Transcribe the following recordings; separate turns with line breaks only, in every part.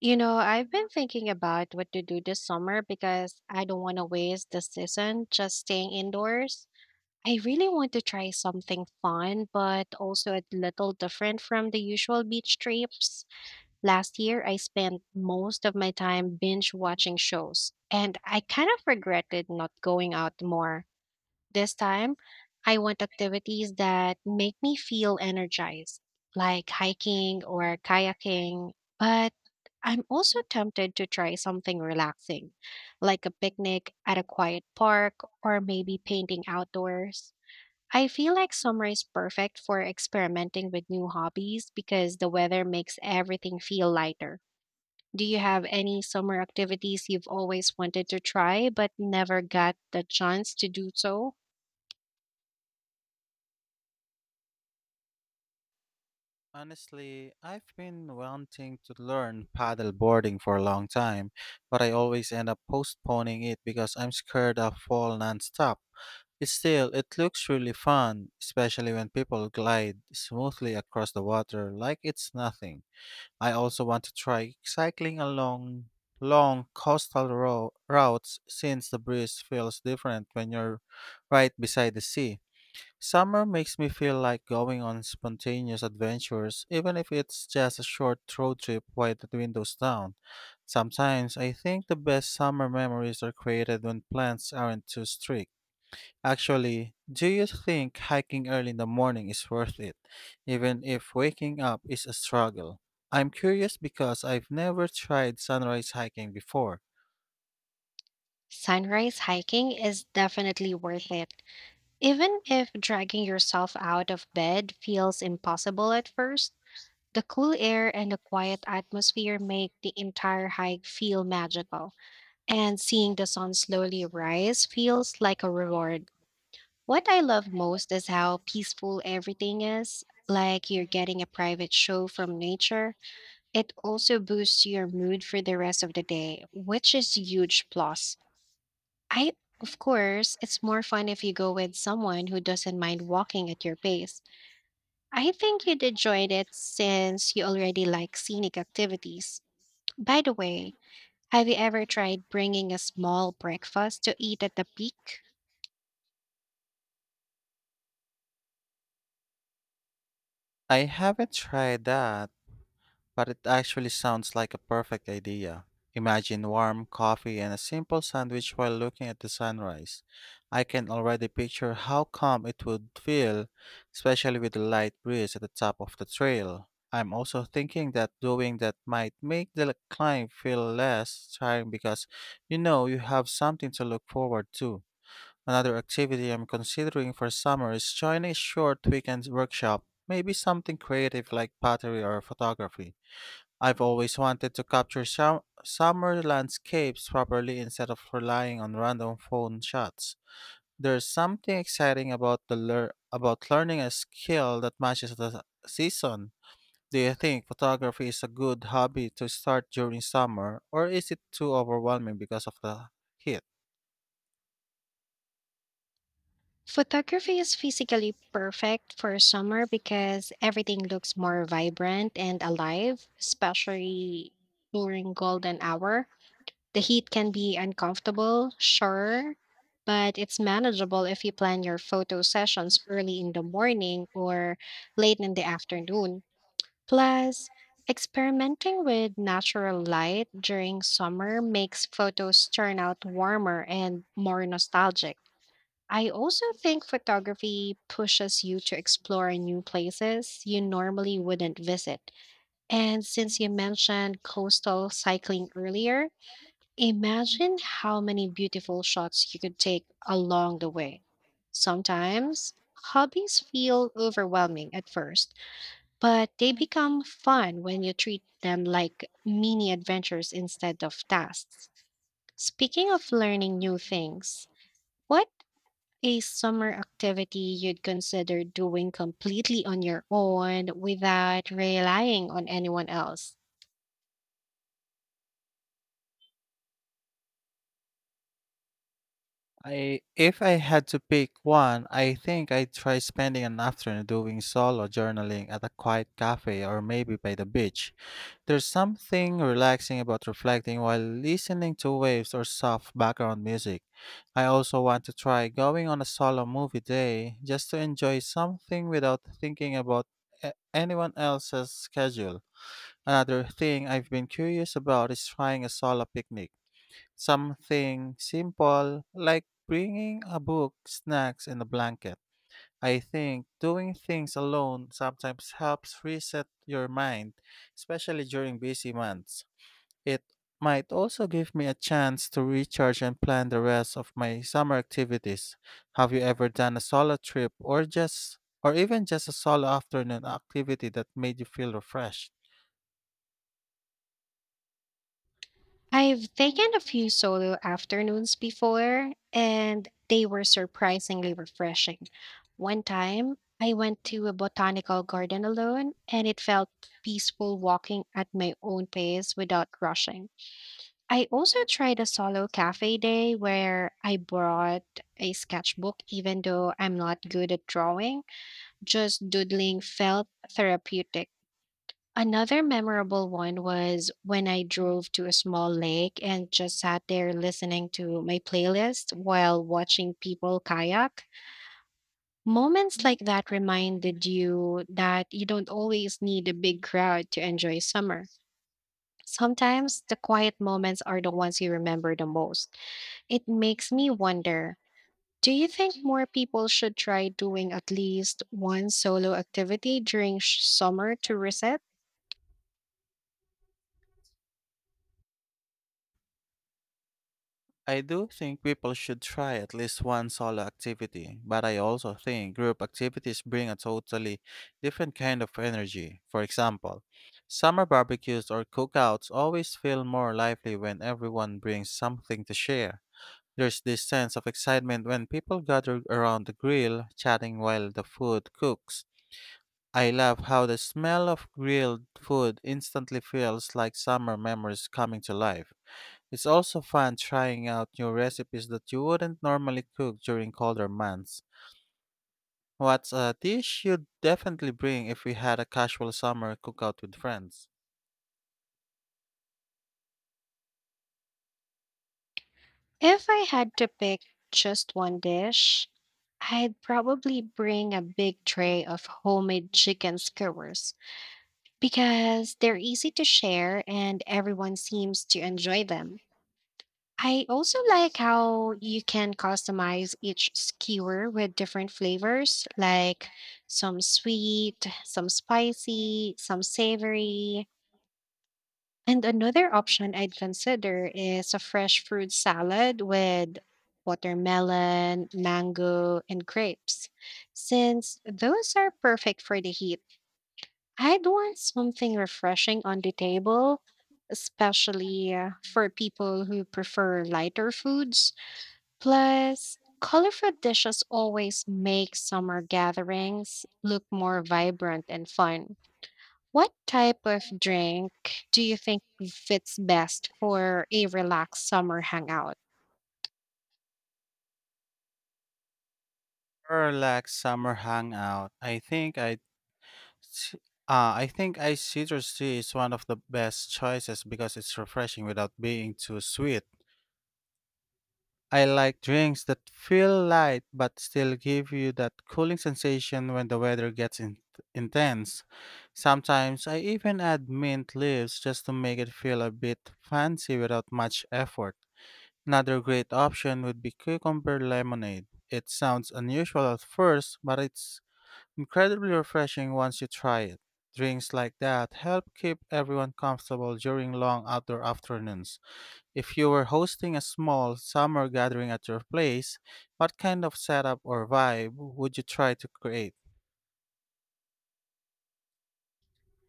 You know, I've been thinking about what to do this summer because I don't want to waste the season just staying indoors. I really want to try something fun, but also a little different from the usual beach trips. Last year, I spent most of my time binge watching shows, and I kind of regretted not going out more. This time, I want activities that make me feel energized, like hiking or kayaking. But I'm also tempted to try something relaxing, like a picnic at a quiet park or maybe painting outdoors. I feel like summer is perfect for experimenting with new hobbies because the weather makes everything feel lighter. Do you have any summer activities you've always wanted to try but never got the chance to do so?
Honestly, I've been wanting to learn paddle boarding for a long time, but I always end up postponing it because I'm scared of fall nonstop. Still, it looks really fun, especially when people glide smoothly across the water like it's nothing. I also want to try cycling along long coastal routes since the breeze feels different when you're right beside the sea. Summer makes me feel like going on spontaneous adventures, even if it's just a short road trip while the window's down. Sometimes I think the best summer memories are created when plans aren't too strict. Actually, do you think hiking early in the morning is worth it, even if waking up is a struggle? I'm curious because I've never tried sunrise hiking before.
Sunrise hiking is definitely worth it. Even if dragging yourself out of bed feels impossible at first, the cool air and the quiet atmosphere make the entire hike feel magical, and seeing the sun slowly rise feels like a reward. What I love most is how peaceful everything is, like you're getting a private show from nature. It also boosts your mood for the rest of the day, which is huge plus. I, of course, it's more fun if you go with someone who doesn't mind walking at your pace. I think you'd enjoy it since you already like scenic activities. By the way, have you ever tried bringing a small breakfast to eat at the peak?
I haven't tried that, but it actually sounds like a perfect idea. Imagine warm coffee and a simple sandwich while looking at the sunrise. I can already picture how calm it would feel, especially with the light breeze at the top of the trail. I'm also thinking that doing that might make the climb feel less tiring because you know you have something to look forward to. Another activity I'm considering for summer is joining a short weekend workshop, maybe something creative like pottery or photography. I've always wanted to capture summer landscapes properly instead of relying on random phone shots. There's something exciting about about learning a skill that matches the season. Do you think photography is a good hobby to start during summer, or is it too overwhelming because of the heat?
Photography is physically perfect for summer because everything looks more vibrant and alive, especially during golden hour. The heat can be uncomfortable, sure, but it's manageable if you plan your photo sessions early in the morning or late in the afternoon. Plus, experimenting with natural light during summer makes photos turn out warmer and more nostalgic. I also think photography pushes you to explore new places you normally wouldn't visit. And since you mentioned coastal cycling earlier, imagine how many beautiful shots you could take along the way. Sometimes hobbies feel overwhelming at first, but they become fun when you treat them like mini adventures instead of tasks. Speaking of learning new things, what a summer activity you'd consider doing completely on your own without relying on anyone else?
I if I had to pick one, I think I'd try spending an afternoon doing solo journaling at a quiet cafe or maybe by the beach. There's something relaxing about reflecting while listening to waves or soft background music. I also want to try going on a solo movie day just to enjoy something without thinking about anyone else's schedule. Another thing I've been curious about is trying a solo picnic. Something simple like bringing a book, snacks, and a blanket. I think doing things alone sometimes helps reset your mind, especially during busy months. It might also give me a chance to recharge and plan the rest of my summer activities. Have you ever done a solo trip or even just a solo afternoon activity that made you feel refreshed?
I've taken a few solo afternoons before, and they were surprisingly refreshing. One time, I went to a botanical garden alone, and it felt peaceful walking at my own pace without rushing. I also tried a solo cafe day where I brought a sketchbook, even though I'm not good at drawing, just doodling felt therapeutic. Another memorable one was when I drove to a small lake and just sat there listening to my playlist while watching people kayak. Moments like that reminded you that you don't always need a big crowd to enjoy summer. Sometimes the quiet moments are the ones you remember the most. It makes me wonder, do you think more people should try doing at least one solo activity during summer to reset?
I do think people should try at least one solo activity, but I also think group activities bring a totally different kind of energy. For example, summer barbecues or cookouts always feel more lively when everyone brings something to share. There's this sense of excitement when people gather around the grill, chatting while the food cooks. I love how the smell of grilled food instantly feels like summer memories coming to life. It's also fun trying out new recipes that you wouldn't normally cook during colder months. What's a dish you'd definitely bring if we had a casual summer cookout with friends?
If I had to pick just one dish, I'd probably bring a big tray of homemade chicken skewers because they're easy to share and everyone seems to enjoy them. I also like how you can customize each skewer with different flavors, like some sweet, some spicy, some savory, and another option I'd consider is a fresh fruit salad with watermelon, mango, and grapes. Since those are perfect for the heat, I'd want something refreshing on the table, especially for people who prefer lighter foods. Plus, colorful dishes always make summer gatherings look more vibrant and fun. What type of drink do you think fits best for a relaxed summer hangout?
Or like summer hangout. Sh- I think iced citrus tea is one of the best choices because it's refreshing without being too sweet. I like drinks that feel light but still give you that cooling sensation when the weather gets intense. Sometimes I even add mint leaves just to make it feel a bit fancy without much effort. Another great option would be cucumber lemonade. It sounds unusual at first, but it's incredibly refreshing once you try it. Drinks like that help keep everyone comfortable during long outdoor afternoons. If you were hosting a small summer gathering at your place, what kind of setup or vibe would you try to create?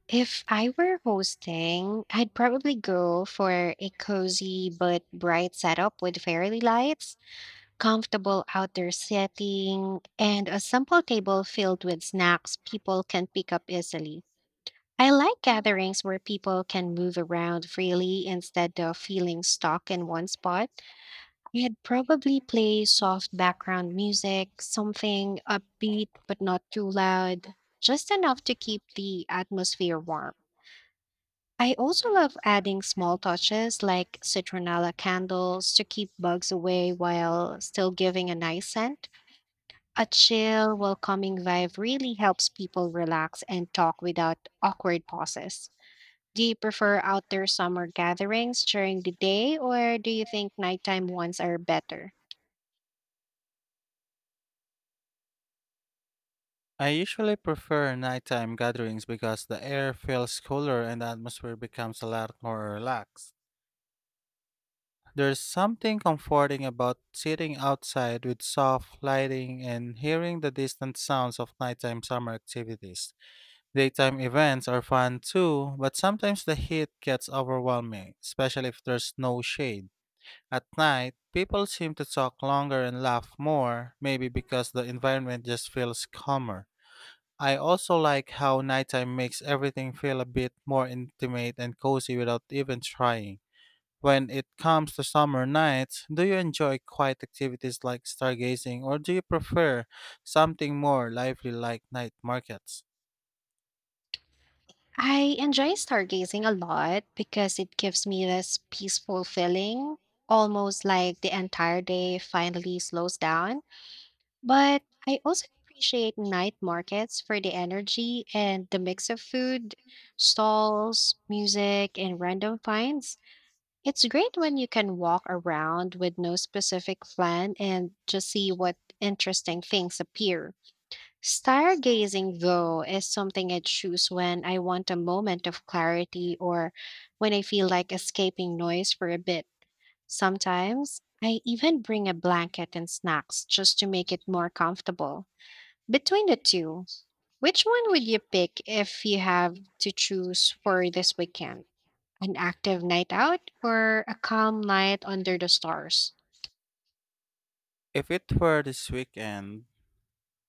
If I were hosting, I'd probably go for a cozy but bright setup with fairy lights, comfortable outdoor setting, and a simple table filled with snacks people can pick up easily. I like gatherings where people can move around freely instead of feeling stuck in one spot. I'd probably play soft background music, something upbeat but not too loud, just enough to keep the atmosphere warm. I also love adding small touches like citronella candles to keep bugs away while still giving a nice scent. A chill, welcoming vibe really helps people relax and talk without awkward pauses. Do you prefer outdoor summer gatherings during the day, or do you think nighttime ones are better?
I usually prefer nighttime gatherings because the air feels cooler and the atmosphere becomes a lot more relaxed. There's something comforting about sitting outside with soft lighting and hearing the distant sounds of nighttime summer activities. Daytime events are fun too, but sometimes the heat gets overwhelming, especially if there's no shade. At night, people seem to talk longer and laugh more, maybe because the environment just feels calmer. I also like how nighttime makes everything feel a bit more intimate and cozy without even trying. When it comes to summer nights, do you enjoy quiet activities like stargazing, or do you prefer something more lively like night markets?
I enjoy stargazing a lot because it gives me this peaceful feeling, almost like the entire day finally slows down. But I also appreciate night markets for the energy and the mix of food, stalls, music, and random finds. It's great when you can walk around with no specific plan and just see what interesting things appear. Stargazing, though, is something I choose when I want a moment of clarity or when I feel like escaping noise for a bit. Sometimes I even bring a blanket and snacks just to make it more comfortable. Between the two, which one would you pick if you have to choose for this weekend? An active night out or a calm night under the stars?
If it were this weekend,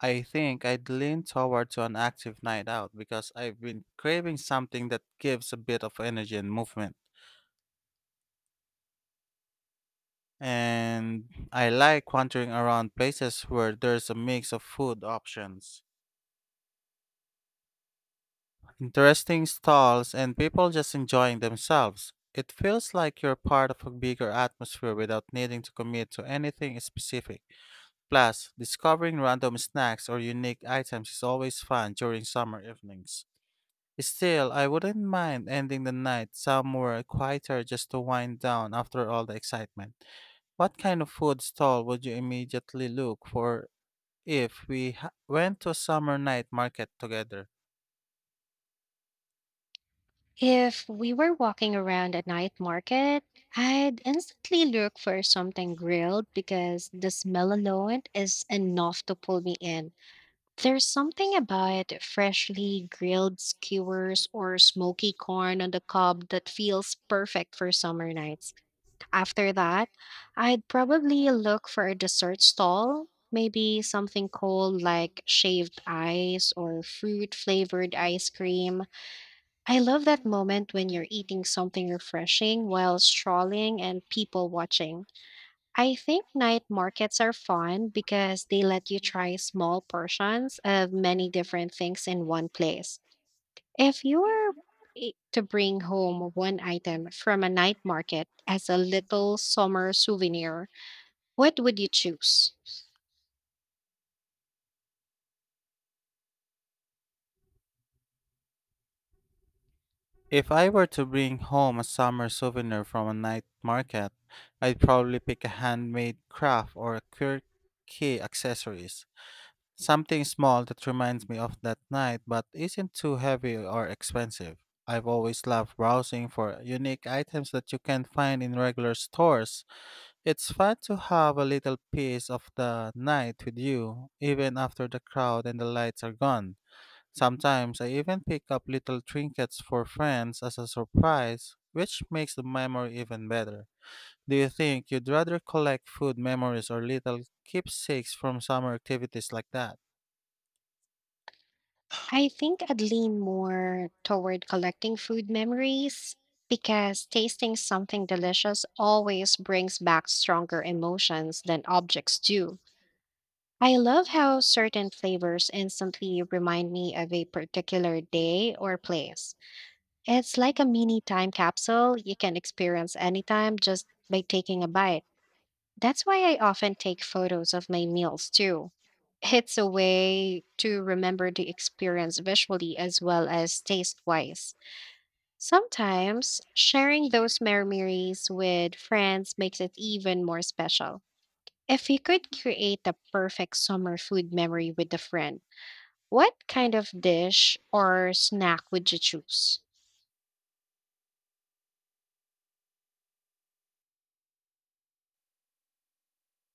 I think I'd lean toward to an active night out because I've been craving something that gives a bit of energy and movement. And I like wandering around places where there's a mix of food options, interesting stalls, and people just enjoying themselves. It feels like you're part of a bigger atmosphere without needing to commit to anything specific. Plus, discovering random snacks or unique items is always fun during summer evenings. Still, I wouldn't mind ending the night somewhere quieter just to wind down after all the excitement. What kind of food stall would you immediately look for if we went to a summer night market together?
If we were walking around a night market, I'd instantly look for something grilled because the smell alone is enough to pull me in. There's something about freshly grilled skewers or smoky corn on the cob that feels perfect for summer nights. After that, I'd probably look for a dessert stall, maybe something cold like shaved ice or fruit flavored ice cream. I love that moment when you're eating something refreshing while strolling and people watching. I think night markets are fun because they let you try small portions of many different things in one place. If you were to bring home one item from a night market as a little summer souvenir, what would you choose?
If I were to bring home a summer souvenir from a night market, I'd probably pick a handmade craft or quirky accessories. Something small that reminds me of that night but isn't too heavy or expensive. I've always loved browsing for unique items that you can't find in regular stores. It's fun to have a little piece of the night with you, even after the crowd and the lights are gone. Sometimes I even pick up little trinkets for friends as a surprise, which makes the memory even better. Do you think you'd rather collect food memories or little keepsakes from summer activities like that?
I think I'd lean more toward collecting food memories because tasting something delicious always brings back stronger emotions than objects do. I love how certain flavors instantly remind me of a particular day or place. It's like a mini time capsule you can experience anytime just by taking a bite. That's why I often take photos of my meals too. It's a way to remember the experience visually as well as taste wise. Sometimes sharing those memories with friends makes it even more special. If you could create the perfect summer food memory with a friend, what kind of dish or snack would you choose?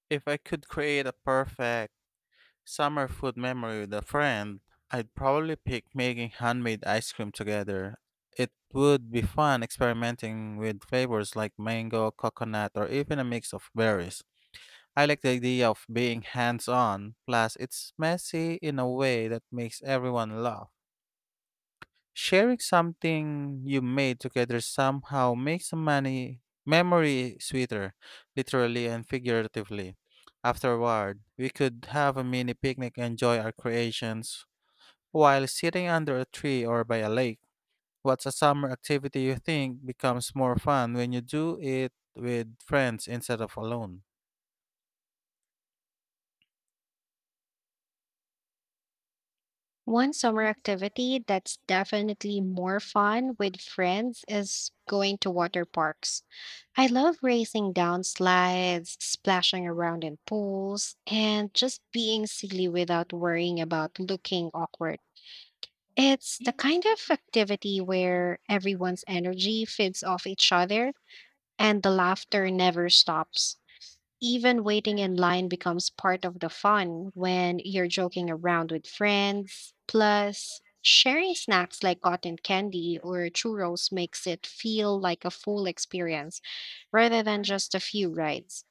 If I could create a perfect summer food memory with a friend, I'd probably pick making handmade ice cream together. It would be fun experimenting with flavors like mango, coconut, or even a mix of berries. I like the idea of being hands on. Plus, it's messy in a way that makes everyone laugh. Sharing something you made together somehow makes a money memory sweeter, literally and figuratively. Afterward, we could have a mini picnic and enjoy our creations while sitting under a tree or by a lake. What's a summer activity you think becomes more fun when you do it with friends instead of alone?
One summer activity that's definitely more fun with friends is going to water parks. I love racing down slides, splashing around in pools, and just being silly without worrying about looking awkward. It's the kind of activity where everyone's energy feeds off each other and the laughter never stops. Even waiting in line becomes part of the fun when you're joking around with friends. Plus, sharing snacks like cotton candy or churros makes it feel like a full experience rather than just a few rides.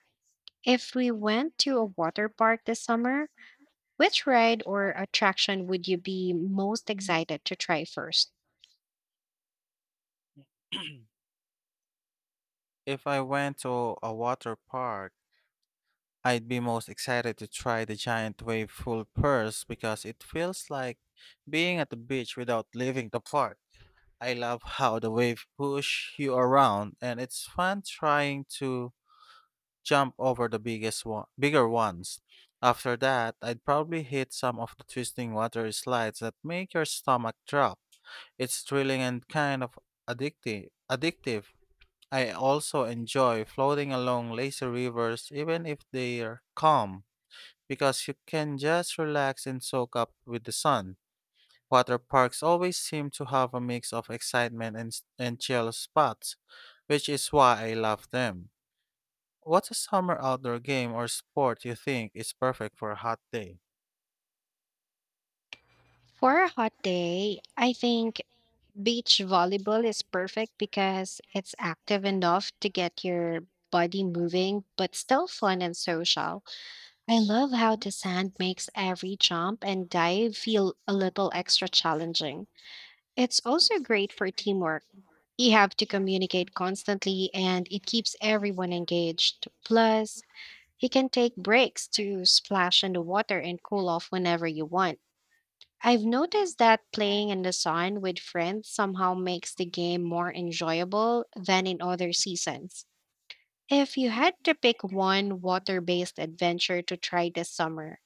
If we went to a water park this summer, which ride or attraction would you be most excited to try first?
If I went to a water park, I'd be most excited to try the giant wave pool first because it feels like being at the beach without leaving the park. I love how the wave push you around, and it's fun trying to jump over the biggest one, bigger ones. After that, I'd probably hit some of the twisting water slides that make your stomach drop. It's thrilling and kind of addictive. I also enjoy floating along lazy rivers even if they're calm because you can just relax and soak up with the sun. Water parks always seem to have a mix of excitement and chill spots, which is why I love them. What's a summer outdoor game or sport you think is perfect for a hot day?
For a hot day, I think beach volleyball is perfect because it's active enough to get your body moving, but still fun and social. I love how the sand makes every jump and dive feel a little extra challenging. It's also great for teamwork. You have to communicate constantly and it keeps everyone engaged. Plus, you can take breaks to splash in the water and cool off whenever you want. I've noticed that playing in the sun with friends somehow makes the game more enjoyable than in other seasons. If you had to pick one water based adventure to try this summer,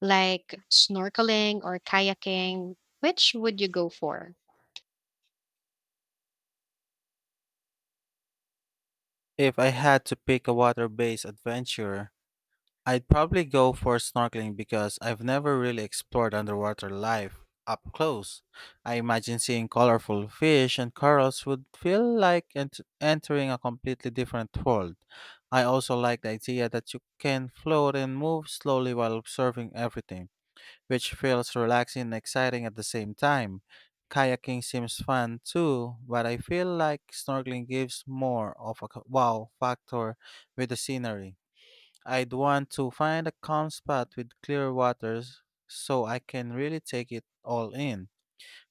like snorkeling or kayaking, which would you go for?
If I had to pick a water based adventure, I'd probably go for snorkeling because I've never really explored underwater life up close. I imagine seeing colorful fish and corals would feel like entering a completely different world. I also like the idea that you can float and move slowly while observing everything, which feels relaxing and exciting at the same time. Kayaking seems fun too, but I feel like snorkeling gives more of a wow factor with the scenery. I'd want to find a calm spot with clear waters so I can really take it all in.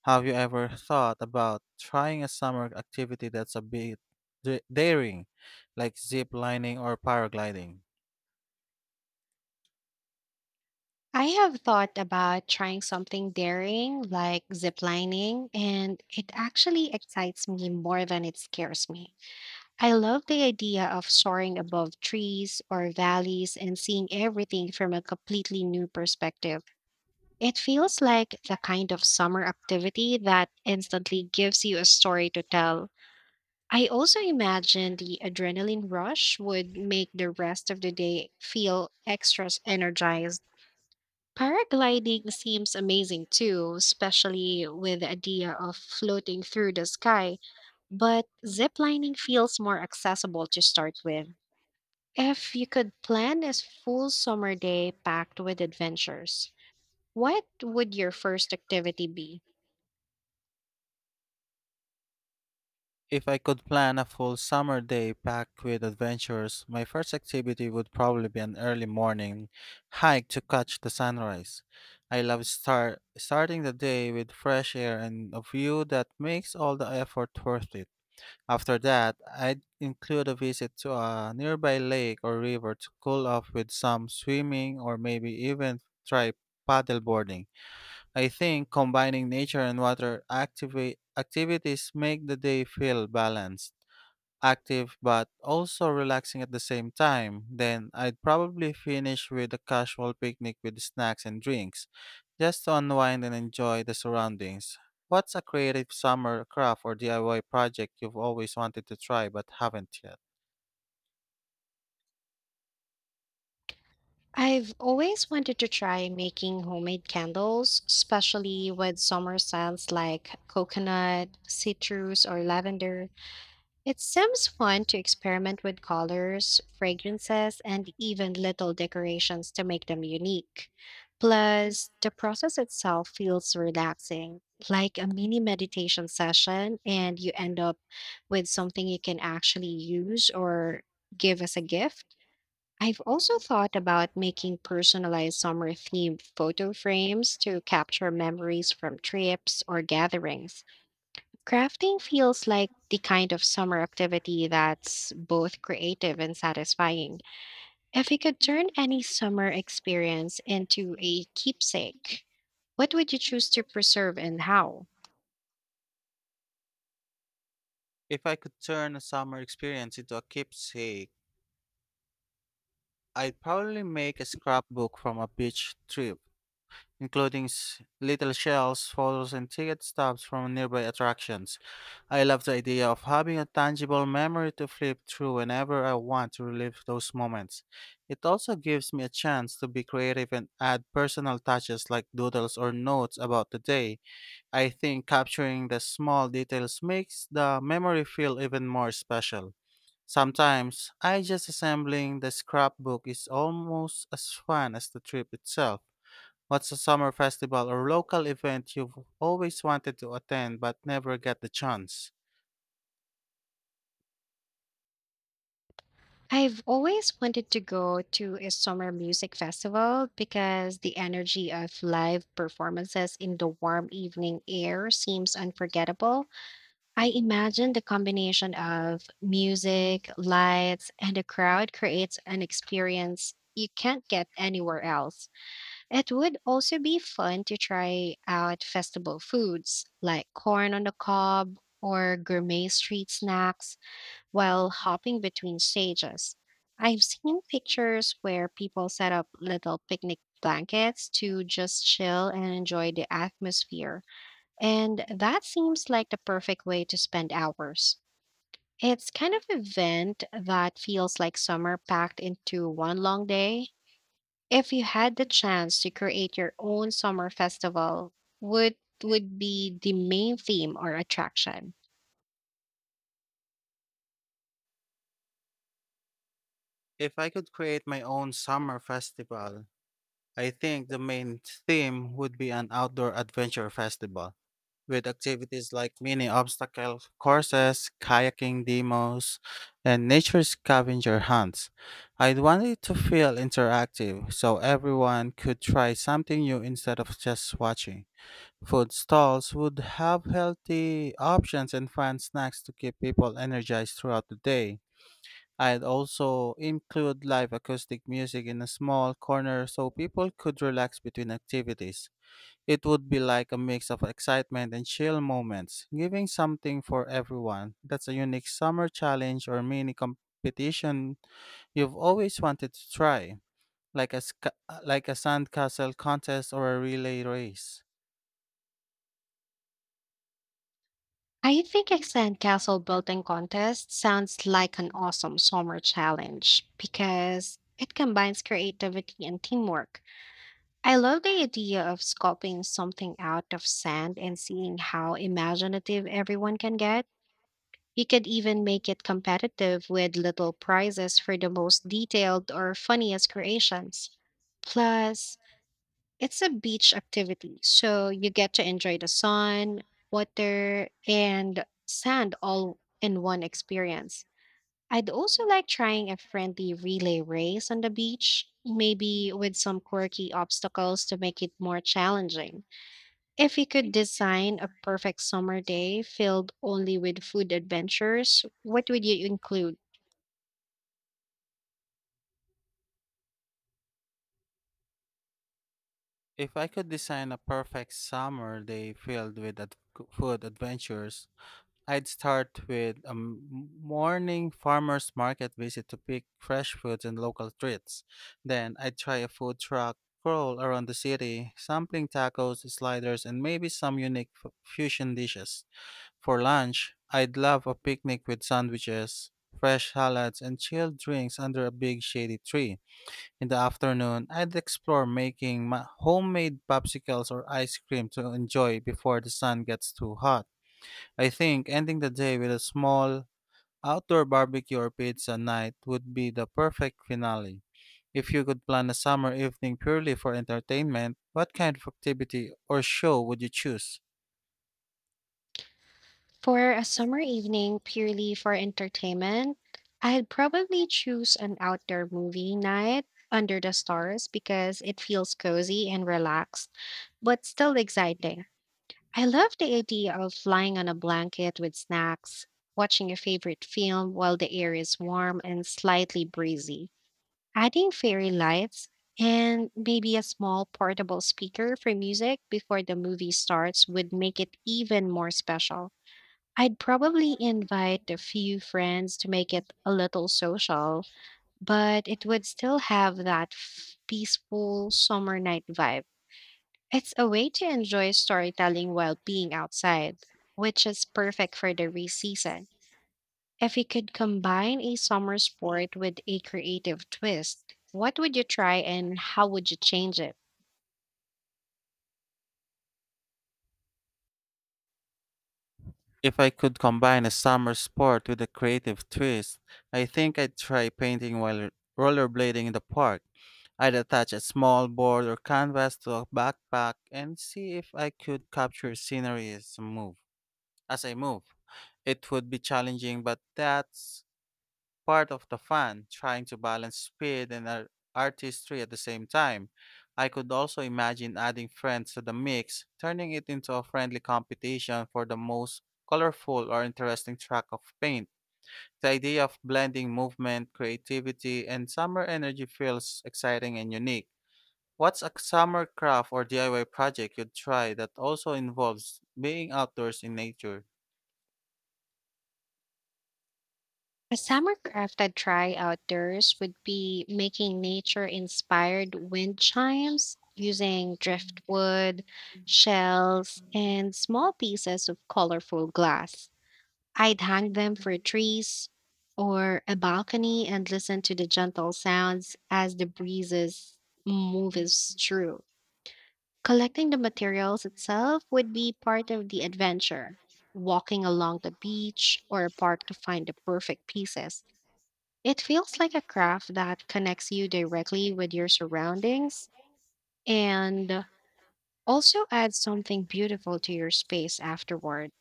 Have you ever thought about trying a summer activity that's a bit daring, like zip lining or paragliding?
I have thought about trying something daring like ziplining, and it actually excites me more than it scares me. I love the idea of soaring above trees or valleys and seeing everything from a completely new perspective. It feels like the kind of summer activity that instantly gives you a story to tell. I also imagine the adrenaline rush would make the rest of the day feel extra energized. Paragliding seems amazing too, especially with the idea of floating through the sky, but ziplining feels more accessible to start with. If you could plan a full summer day packed with adventures, what would your first activity be?
If I could plan a full summer day packed with adventures, my first activity would probably be an early morning hike to catch the sunrise. I love starting the day with fresh air and a view that makes all the effort worth it. After that, I'd include a visit to a nearby lake or river to cool off with some swimming or maybe even try paddleboarding. I think combining nature and water activate activities make the day feel balanced, active but also relaxing at the same time. Then I'd probably finish with a casual picnic with snacks and drinks, just to unwind and enjoy the surroundings. What's a creative summer craft or DIY project you've always wanted to try but haven't yet?
I've always wanted to try making homemade candles, especially with summer scents like coconut, citrus, or lavender. It seems fun to experiment with colors, fragrances, and even little decorations to make them unique. Plus, the process itself feels relaxing, like a mini meditation session, and you end up with something you can actually use or give as a gift. I've also thought about making personalized summer themed photo frames to capture memories from trips or gatherings. Crafting feels like the kind of summer activity that's both creative and satisfying. If you could turn any summer experience into a keepsake, what would you choose to preserve and how?
If I could turn a summer experience into a keepsake, I'd probably make a scrapbook from a beach trip, including little shells, photos, and ticket stubs from nearby attractions. I love the idea of having a tangible memory to flip through whenever I want to relive those moments. It also gives me a chance to be creative and add personal touches like doodles or notes about the day. I think capturing the small details makes the memory feel even more special. Sometimes, I just assembling the scrapbook is almost as fun as the trip itself. What's a summer festival or local event you've always wanted to attend but never get the chance?
I've always wanted to go to a summer music festival because the energy of live performances in the warm evening air seems unforgettable. I imagine the combination of music, lights, and a crowd creates an experience you can't get anywhere else. It would also be fun to try out festival foods like corn on the cob or gourmet street snacks while hopping between stages. I've seen pictures where people set up little picnic blankets to just chill and enjoy the atmosphere. And that seems like the perfect way to spend hours. It's kind of event that feels like summer packed into one long day. If you had the chance to create your own summer festival, what would be the main theme or attraction?
If I could create my own summer festival, I think the main theme would be an outdoor adventure festival with activities like mini obstacle courses, kayaking demos, and nature scavenger hunts. I'd want it to feel interactive so everyone could try something new instead of just watching. Food stalls would have healthy options and fun snacks to keep people energized throughout the day. I'd also include live acoustic music in a small corner so people could relax between activities. It would be like a mix of excitement and chill moments, giving something for everyone. That's a unique summer challenge or mini competition you've always wanted to try, like a, sc- like a sandcastle contest or a relay race.
I think a sandcastle building contest sounds like an awesome summer challenge because it combines creativity and teamwork. I love the idea of sculpting something out of sand and seeing how imaginative everyone can get. You could even make it competitive with little prizes for the most detailed or funniest creations. Plus, it's a beach activity, so you get to enjoy the sun, water, and sand all in one experience. I'd also like trying a friendly relay race on the beach, maybe with some quirky obstacles to make it more challenging. If you could design a perfect summer day filled only with food adventures, what would you include?
If I could design a perfect summer day filled with food adventures, I'd start with a morning farmers market visit to pick fresh foods and local treats. Then I'd try a food truck crawl around the city, sampling tacos, sliders, and maybe some unique fusion dishes. For lunch, I'd love a picnic with sandwiches, fresh salads, and chilled drinks under a big shady tree. In the afternoon, I'd explore making homemade popsicles or ice cream to enjoy before the sun gets too hot. I think ending the day with a small outdoor barbecue or pizza night would be the perfect finale. If you could plan a summer evening purely for entertainment, what kind of activity or show would you choose?
For a summer evening purely for entertainment, I'd probably choose an outdoor movie night under the stars because it feels cozy and relaxed, but still exciting. I love the idea of lying on a blanket with snacks, watching your favorite film while the air is warm and slightly breezy, adding fairy lights, and maybe a small portable speaker for music before the movie starts would make it even more special. I'd probably invite a few friends to make it a little social, but it would still have that peaceful summer night vibe. It's a way to enjoy storytelling while being outside, which is perfect for the race season. If you could combine a summer sport with a creative twist, what would you try and how would you change it?
If I could combine a summer sport with a creative twist, I think I'd try painting while rollerblading in the park. I'd attach a small board or canvas to a backpack and see if I could capture scenery as I move. As I move, it would be challenging, but that's part of the fun, trying to balance speed and artistry at the same time. I could also imagine adding friends to the mix, turning it into a friendly competition for the most colorful or interesting track of paint. The idea of blending movement, creativity, and summer energy feels exciting and unique. What's a summer craft or DIY project you'd try that also involves being outdoors in nature?
A summer craft I'd try outdoors would be making nature inspired wind chimes using driftwood, shells, and small pieces of colorful glass. I'd hang them for trees or a balcony and listen to the gentle sounds as the breezes moves through. Collecting the materials itself would be part of the adventure. Walking along the beach or a park to find the perfect pieces. It feels like a craft that connects you directly with your surroundings and also adds something beautiful to your space afterward.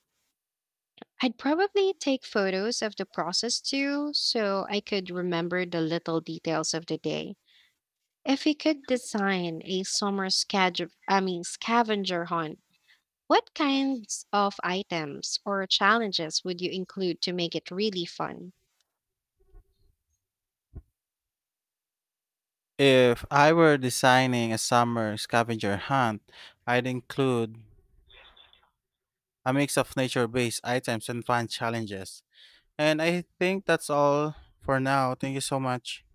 I'd probably take photos of the process too, so I could remember the little details of the day. If we could design a summer scavenger, I mean scavenger hunt, what kinds of items or challenges would you include to make it really fun?
If I were designing a summer scavenger hunt, I'd include a mix of nature based items and fun challenges. And I think that's all for now. Thank you so much.